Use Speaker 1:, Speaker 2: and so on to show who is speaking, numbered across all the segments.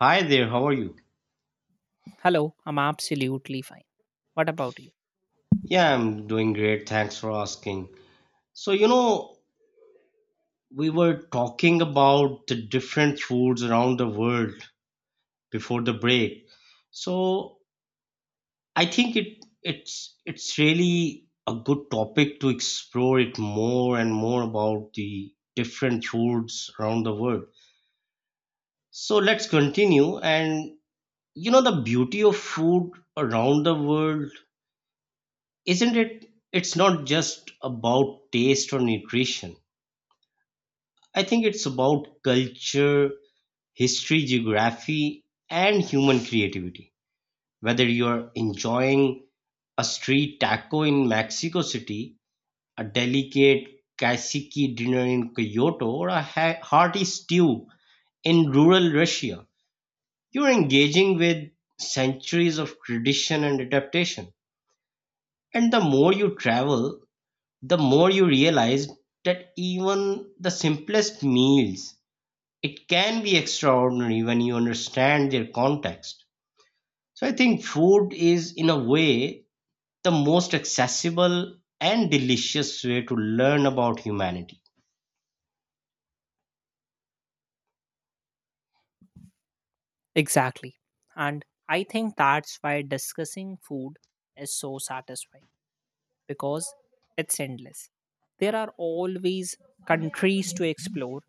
Speaker 1: Hi there, how are you?
Speaker 2: Hello, I'm absolutely fine. What about you?
Speaker 1: Yeah, I'm doing great. Thanks for asking. So, you know, we were talking about the different foods around the world before the break. So, I think it's really a good topic to explore it more and more about the different foods around the world. So, let's continue and the beauty of food around the world, isn't it? It's not just about taste or nutrition. I think it's about culture, history, geography, and human creativity. Whether you're enjoying a street taco in Mexico City, a delicate kaiseki dinner in Kyoto, or a hearty stew in rural Russia, you're engaging with centuries of tradition and adaptation. And the more you travel, the more you realize that even the simplest meals it can be extraordinary when you understand their context. So I think food is, in a way, the most accessible and delicious way to learn about humanity.
Speaker 2: Exactly. And I think that's why discussing food is so satisfying because it's endless. There are always countries to explore,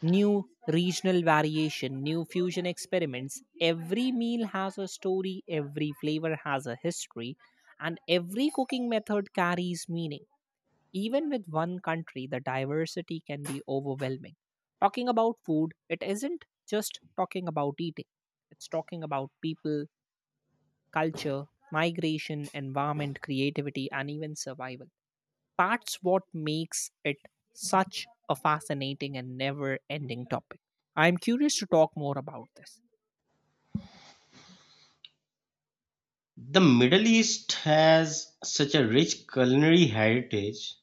Speaker 2: new regional variation, new fusion experiments. Every meal has a story, every flavor has a history, and every cooking method carries meaning. Even with one country, the diversity can be overwhelming. Talking about food, it isn't just talking about eating, it's talking about people, culture, migration, environment, creativity, and even survival. That's what makes it such a fascinating and never ending topic. I'm curious to talk more about this.
Speaker 1: The Middle East has such a rich culinary heritage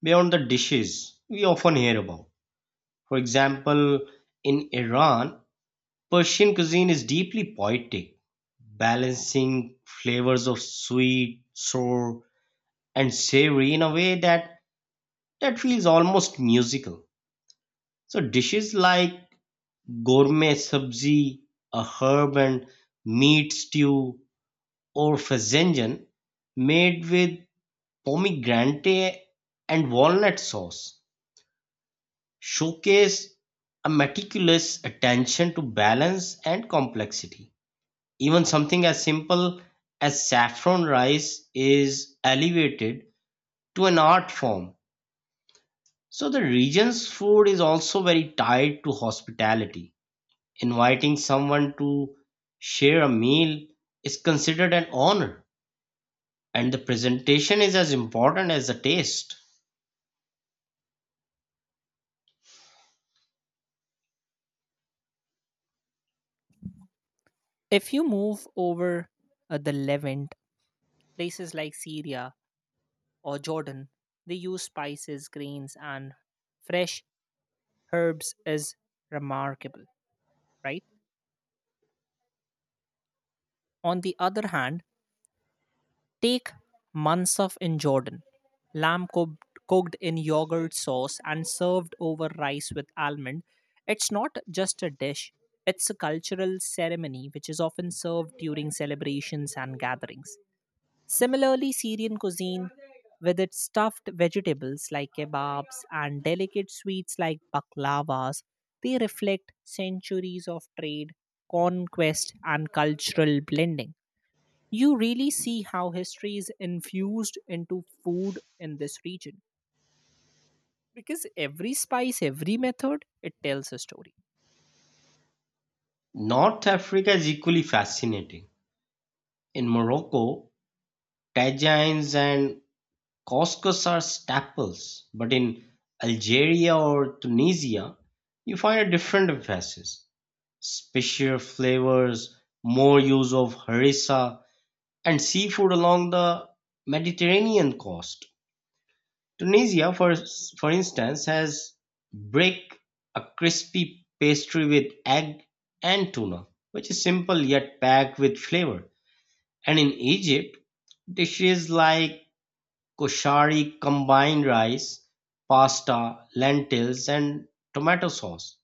Speaker 1: beyond the dishes we often hear about. For example, in Iran, Persian cuisine is deeply poetic, balancing flavors of sweet, sour, and savory in a way that that feels almost musical. So dishes like gourmet sabzi, a herb and meat stew, or fazenjan made with pomegranate and walnut sauce showcase a meticulous attention to balance and complexity. Even something as simple as saffron rice is elevated to an art form. So the region's food is also very tied to hospitality. Inviting someone to share a meal is considered an honor, and the presentation is as important as the taste.
Speaker 2: If you move over the Levant, places like Syria or Jordan, they use spices, grains, and fresh herbs is remarkable, right? On the other hand, take mansaf in Jordan, lamb cooked, cooked in yogurt sauce and served over rice with almond. It's not just a dish, it's a cultural ceremony which is often served during celebrations and gatherings. Similarly, Syrian cuisine, with its stuffed vegetables like kebabs and delicate sweets like baklavas, they reflect centuries of trade, conquest, and cultural blending. You really see how history is infused into food in this region because every spice, every method, it tells a story.
Speaker 1: North Africa is equally fascinating. In Morocco, tagines and couscous are staples, but in Algeria or Tunisia, you find a different emphasis. Spicier flavors, more use of harissa, and seafood along the Mediterranean coast. Tunisia, for instance, has "brek", a crispy pastry with egg and tuna, which is simple yet packed with flavor. And in Egypt, dishes like koshari combine rice, pasta, lentils, and tomato sauce,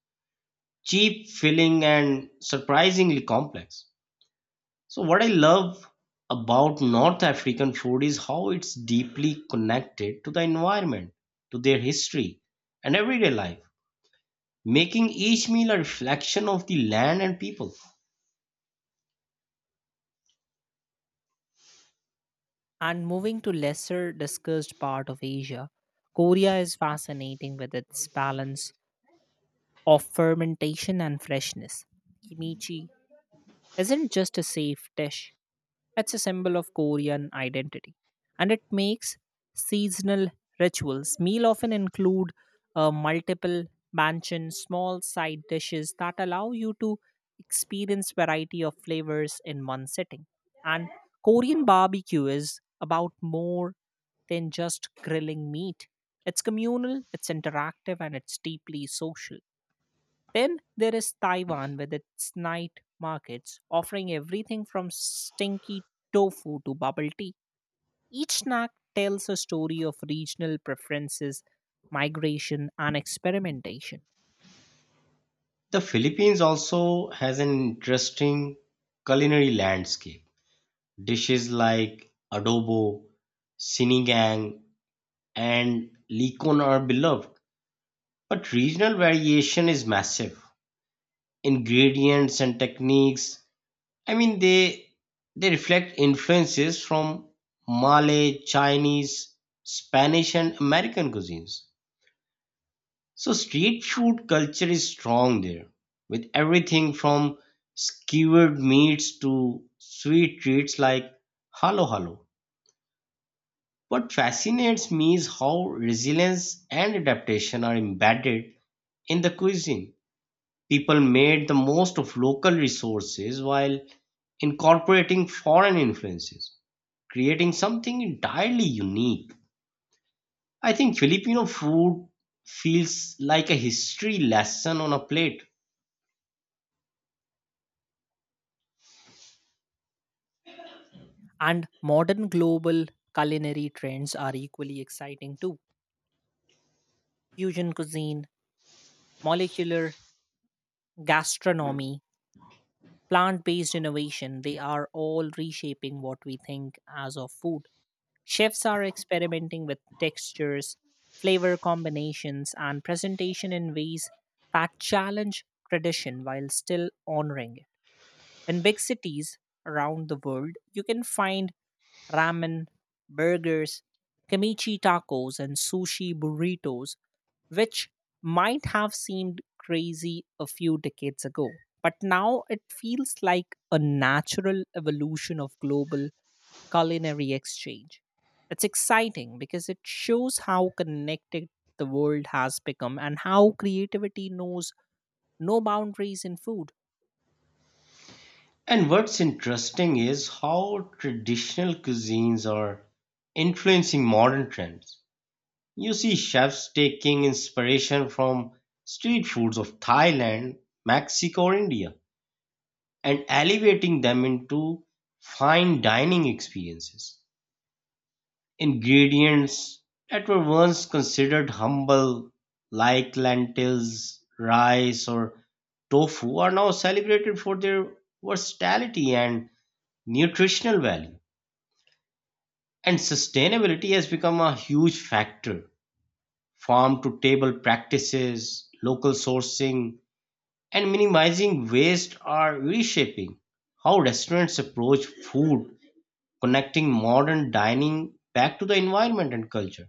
Speaker 1: cheap, filling, and surprisingly complex. So, what I love about North African food is how it's deeply connected to the environment, to their history, and everyday life, making each meal a reflection of the land and people.
Speaker 2: And moving to lesser discussed part of Asia, Korea is fascinating with its balance of fermentation and freshness. Kimchi isn't just a safe dish. It's a symbol of Korean identity and it makes seasonal rituals. Meal often include multiple mansion small side dishes that allow you to experience variety of flavors in one sitting. And Korean barbecue is about more than just grilling meat. It's communal, it's interactive, and it's deeply social. Then there is Taiwan with its night markets offering everything from stinky tofu to bubble tea. Each snack tells a story of regional preferences, migration, and experimentation.
Speaker 1: The Philippines also has an interesting culinary landscape. Dishes like adobo, sinigang, and licon are beloved, but regional variation is massive. Ingredients and techniques, I mean, they reflect influences from Malay, Chinese, Spanish, and American cuisines. So street food culture is strong there, with everything from skewered meats to sweet treats like halo halo. What fascinates me is how resilience and adaptation are embedded in the cuisine. People made the most of local resources while incorporating foreign influences, creating something entirely unique. I think Filipino food feels like a history lesson on a plate.
Speaker 2: And modern global culinary trends are equally exciting too. Fusion cuisine, molecular gastronomy, plant based innovation, they are all reshaping what we think as of food. Chefs are experimenting with textures, flavor combinations, and presentation in ways that challenge tradition while still honoring it. In big cities around the world, you can find ramen, burgers, kimchi tacos, and sushi burritos, which might have seemed crazy a few decades ago. But now it feels like a natural evolution of global culinary exchange. It's exciting because it shows how connected the world has become and how creativity knows no boundaries in food.
Speaker 1: And what's interesting is how traditional cuisines are influencing modern trends. You see chefs taking inspiration from street foods of Thailand, Mexico, or India and elevating them into fine dining experiences. Ingredients that were once considered humble, like lentils, rice, or tofu, are now celebrated for their versatility and nutritional value. And sustainability has become a huge factor. Farm to table practices, local sourcing, and minimizing waste are reshaping how restaurants approach food, connecting modern dining back to the environment and culture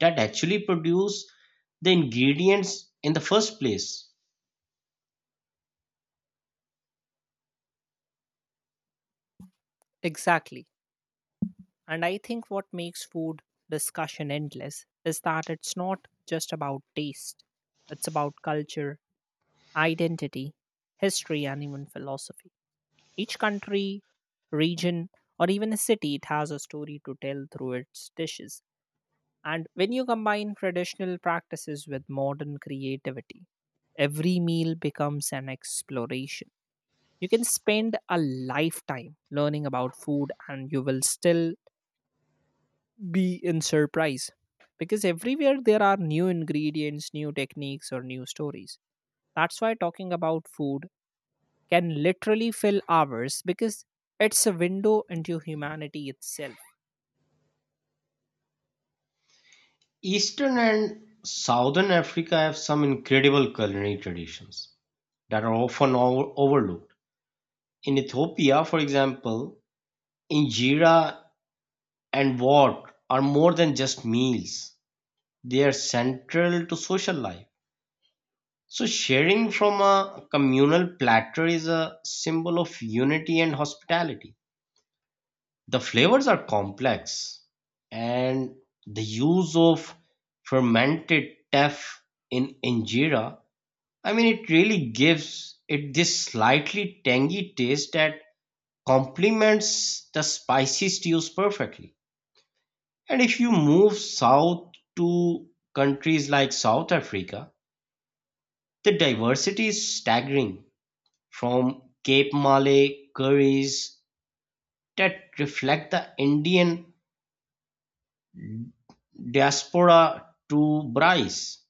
Speaker 1: that actually produce the ingredients in the first place.
Speaker 2: Exactly. And I think what makes food discussion endless is that it's not just about taste, it's about culture, identity, history, and even philosophy. Each country, region, or even a city, it has a story to tell through its dishes. And when you combine traditional practices with modern creativity, every meal becomes an exploration. You can spend a lifetime learning about food and you will still be in surprise because everywhere there are new ingredients, new techniques, or new stories. That's why talking about food can literally fill hours because it's a window into humanity itself.
Speaker 1: Eastern and Southern Africa have some incredible culinary traditions that are often overlooked. In Ethiopia, for example, injera and wort are more than just meals, they are central to social life. So, sharing from a communal platter is a symbol of unity and hospitality. The flavors are complex, and the use of fermented teff in injera, I mean, it really gives it this slightly tangy taste that complements the spicy stews perfectly. And if you move south to countries like South Africa, the diversity is staggering, from Cape Malay curries that reflect the Indian diaspora to Bryce,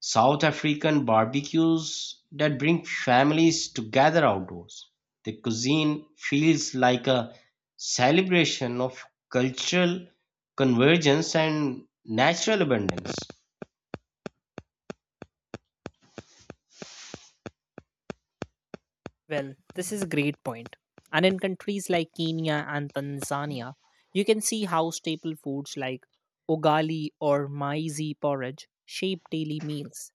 Speaker 1: South African barbecues that bring families together outdoors. The cuisine feels like a celebration of cultural convergence and natural abundance.
Speaker 2: Well, this is a great point. And in countries like Kenya and Tanzania, you can see how staple foods like ugali or maize porridge shape daily meals.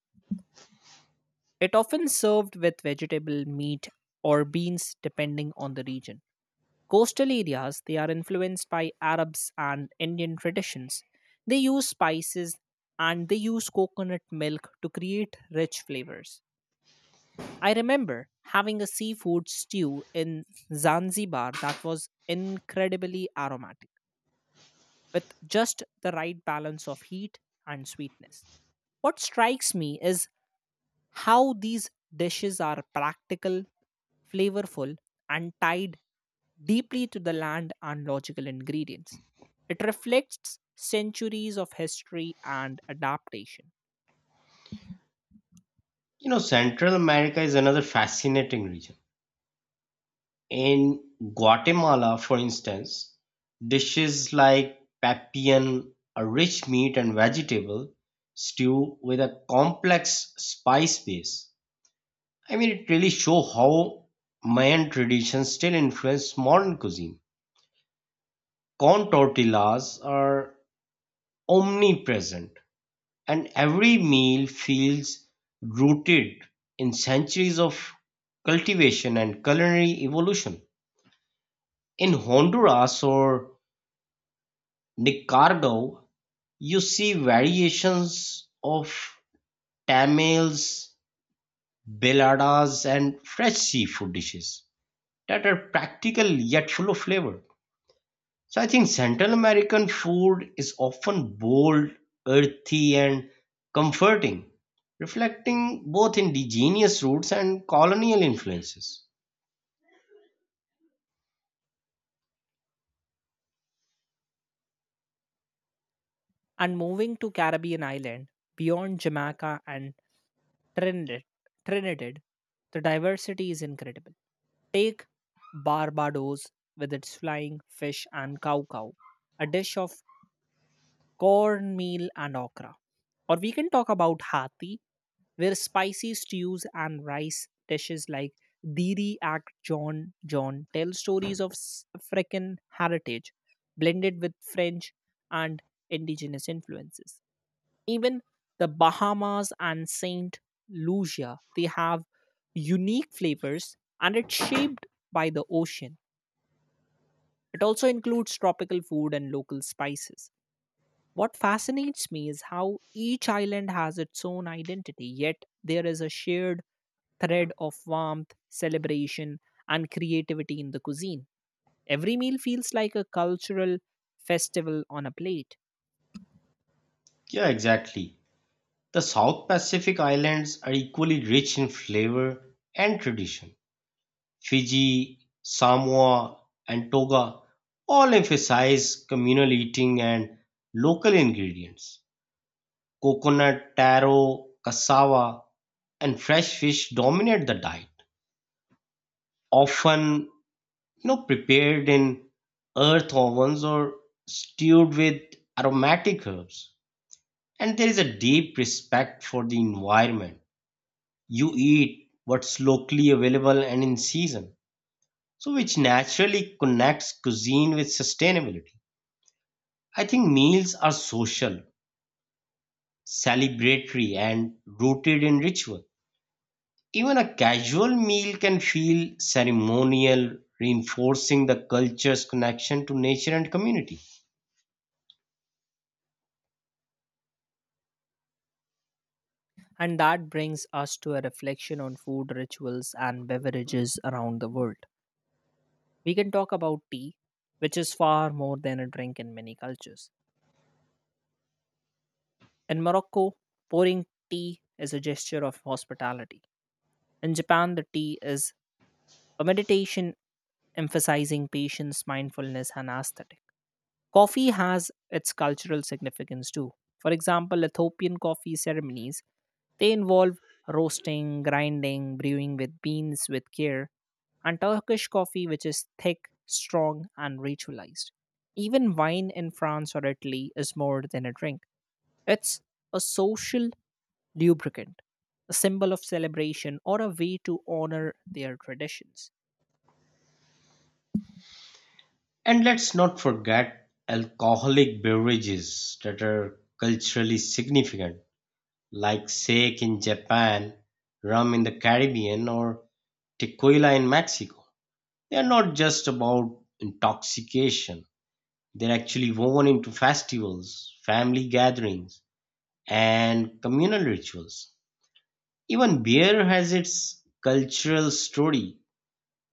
Speaker 2: It often served with vegetable, meat, or beans depending on the region. Coastal areas, they are influenced by Arabs and Indian traditions. They use spices and they use coconut milk to create rich flavors. I remember having a seafood stew in Zanzibar that was incredibly aromatic, with just the right balance of heat and sweetness. What strikes me is how these dishes are practical, flavorful, and tied deeply to the land and logical ingredients. It reflects centuries of history and adaptation.
Speaker 1: You know, Central America is another fascinating region. In Guatemala, for instance, dishes like "papian", a rich meat and vegetable stew with a complex spice base. I mean, it really shows how Mayan traditions still influence modern cuisine. Corn tortillas are omnipresent, and every meal feels rooted in centuries of cultivation and culinary evolution. In Honduras or Nicaragua, you see variations of tamales, beladas, and fresh seafood dishes that are practical yet full of flavor. So I think Central American food is often bold, earthy, and comforting, reflecting both indigenous roots and colonial influences.
Speaker 2: And moving to Caribbean island beyond Jamaica and Trinidad, Trinidad, the diversity is incredible. Take Barbados with its flying fish and cow cow, a dish of cornmeal and okra. Or we can talk about Hathi, where spicy stews and rice dishes like Diri Ak John John tell stories of African heritage blended with French and indigenous influences. Even the Bahamas and Saint Lucia, they have unique flavors and it's shaped by the ocean. It also includes tropical food and local spices. What fascinates me is how each island has its own identity, yet there is a shared thread of warmth, celebration, and creativity in the cuisine. Every meal feels like a cultural festival on a plate.
Speaker 1: Yeah, exactly. The South Pacific Islands are equally rich in flavor and tradition. Fiji, Samoa, and Toga all emphasize communal eating and local ingredients. Coconut, taro, cassava, and fresh fish dominate the diet, often prepared in earth ovens or stewed with aromatic herbs. And there is a deep respect for the environment. You eat what's locally available and in season, so which naturally connects cuisine with sustainability. I think meals are social, celebratory, and rooted in ritual. Even a casual meal can feel ceremonial, reinforcing the culture's connection to nature and community.
Speaker 2: And that brings us to a reflection on food rituals and beverages around the world. We can talk about tea, which is far more than a drink in many cultures. In Morocco, pouring tea is a gesture of hospitality. In Japan, the tea is a meditation emphasizing patience, mindfulness, and aesthetic. Coffee has its cultural significance too. For example, Ethiopian coffee ceremonies. They involve roasting, grinding, brewing with beans with care, and Turkish coffee, which is thick, strong, and ritualized. Even wine in France or Italy is more than a drink, it's a social lubricant, a symbol of celebration, or a way to honor their traditions.
Speaker 1: And let's not forget alcoholic beverages that are culturally significant, like sake in Japan, rum in the Caribbean, or tequila in Mexico. They're not just about intoxication, they're actually woven into festivals, family gatherings, and communal rituals. Even beer has its cultural story,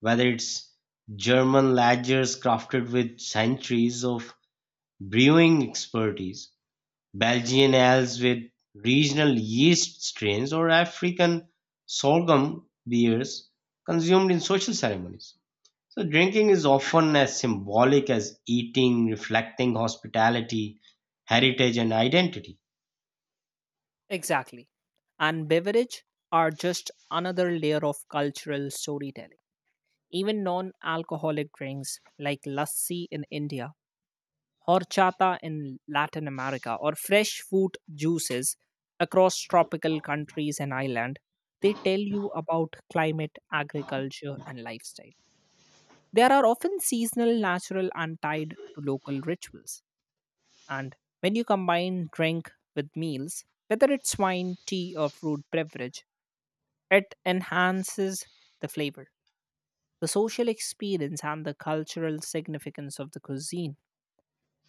Speaker 1: whether it's German lagers crafted with centuries of brewing expertise, Belgian ales with regional yeast strains, or African sorghum beers consumed in social ceremonies. So drinking is often as symbolic as eating, reflecting hospitality, heritage, and identity.
Speaker 2: Exactly. And beverage are just another layer of cultural storytelling. Even non alcoholic drinks like lassi in India, horchata in Latin America, or fresh fruit juices across tropical countries and island, they tell you about climate, agriculture, and lifestyle. There are often seasonal, natural, and tied to local rituals. And when you combine drink with meals, whether it's wine, tea, or fruit beverage, it enhances the flavor, the social experience, and the cultural significance of the cuisine.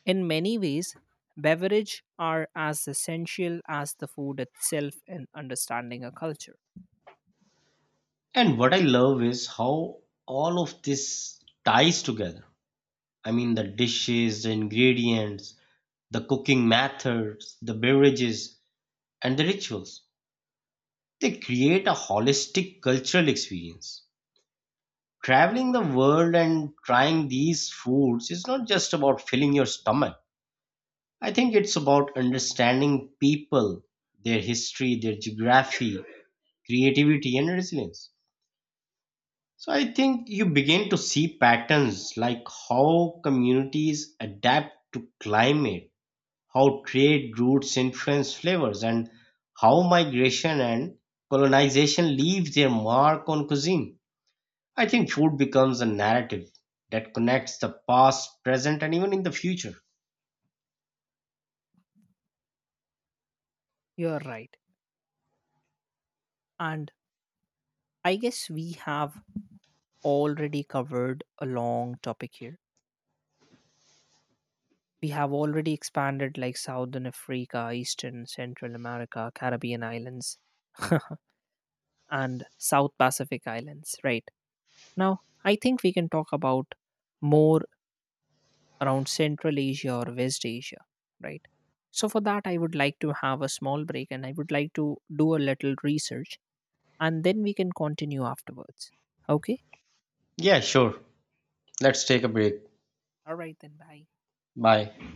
Speaker 2: In many ways, beverage are as essential as the food itself in understanding a culture.
Speaker 1: And what I love is how all of this ties together. I mean, the dishes, the ingredients, the cooking methods, the beverages, and the rituals. They create a holistic cultural experience. Traveling the world and trying these foods is not just about filling your stomach. I think it's about understanding people, their history, their geography, creativity, and resilience. So I think you begin to see patterns like how communities adapt to climate, how trade routes influence flavors, and how migration and colonization leave their mark on cuisine. I think food becomes a narrative that connects the past, present, and even in the future.
Speaker 2: You're right. And I guess we have already covered a long topic here. We have already expanded like Southern Africa, Eastern, Central America, Caribbean islands, and South Pacific islands, right? Now, I think we can talk about more around Central Asia or West Asia, right? So for that, I would like to have a small break and I would like to do a little research and then we can continue afterwards. Okay?
Speaker 1: Yeah, sure. Let's take a break.
Speaker 2: All right, then bye.
Speaker 1: Bye.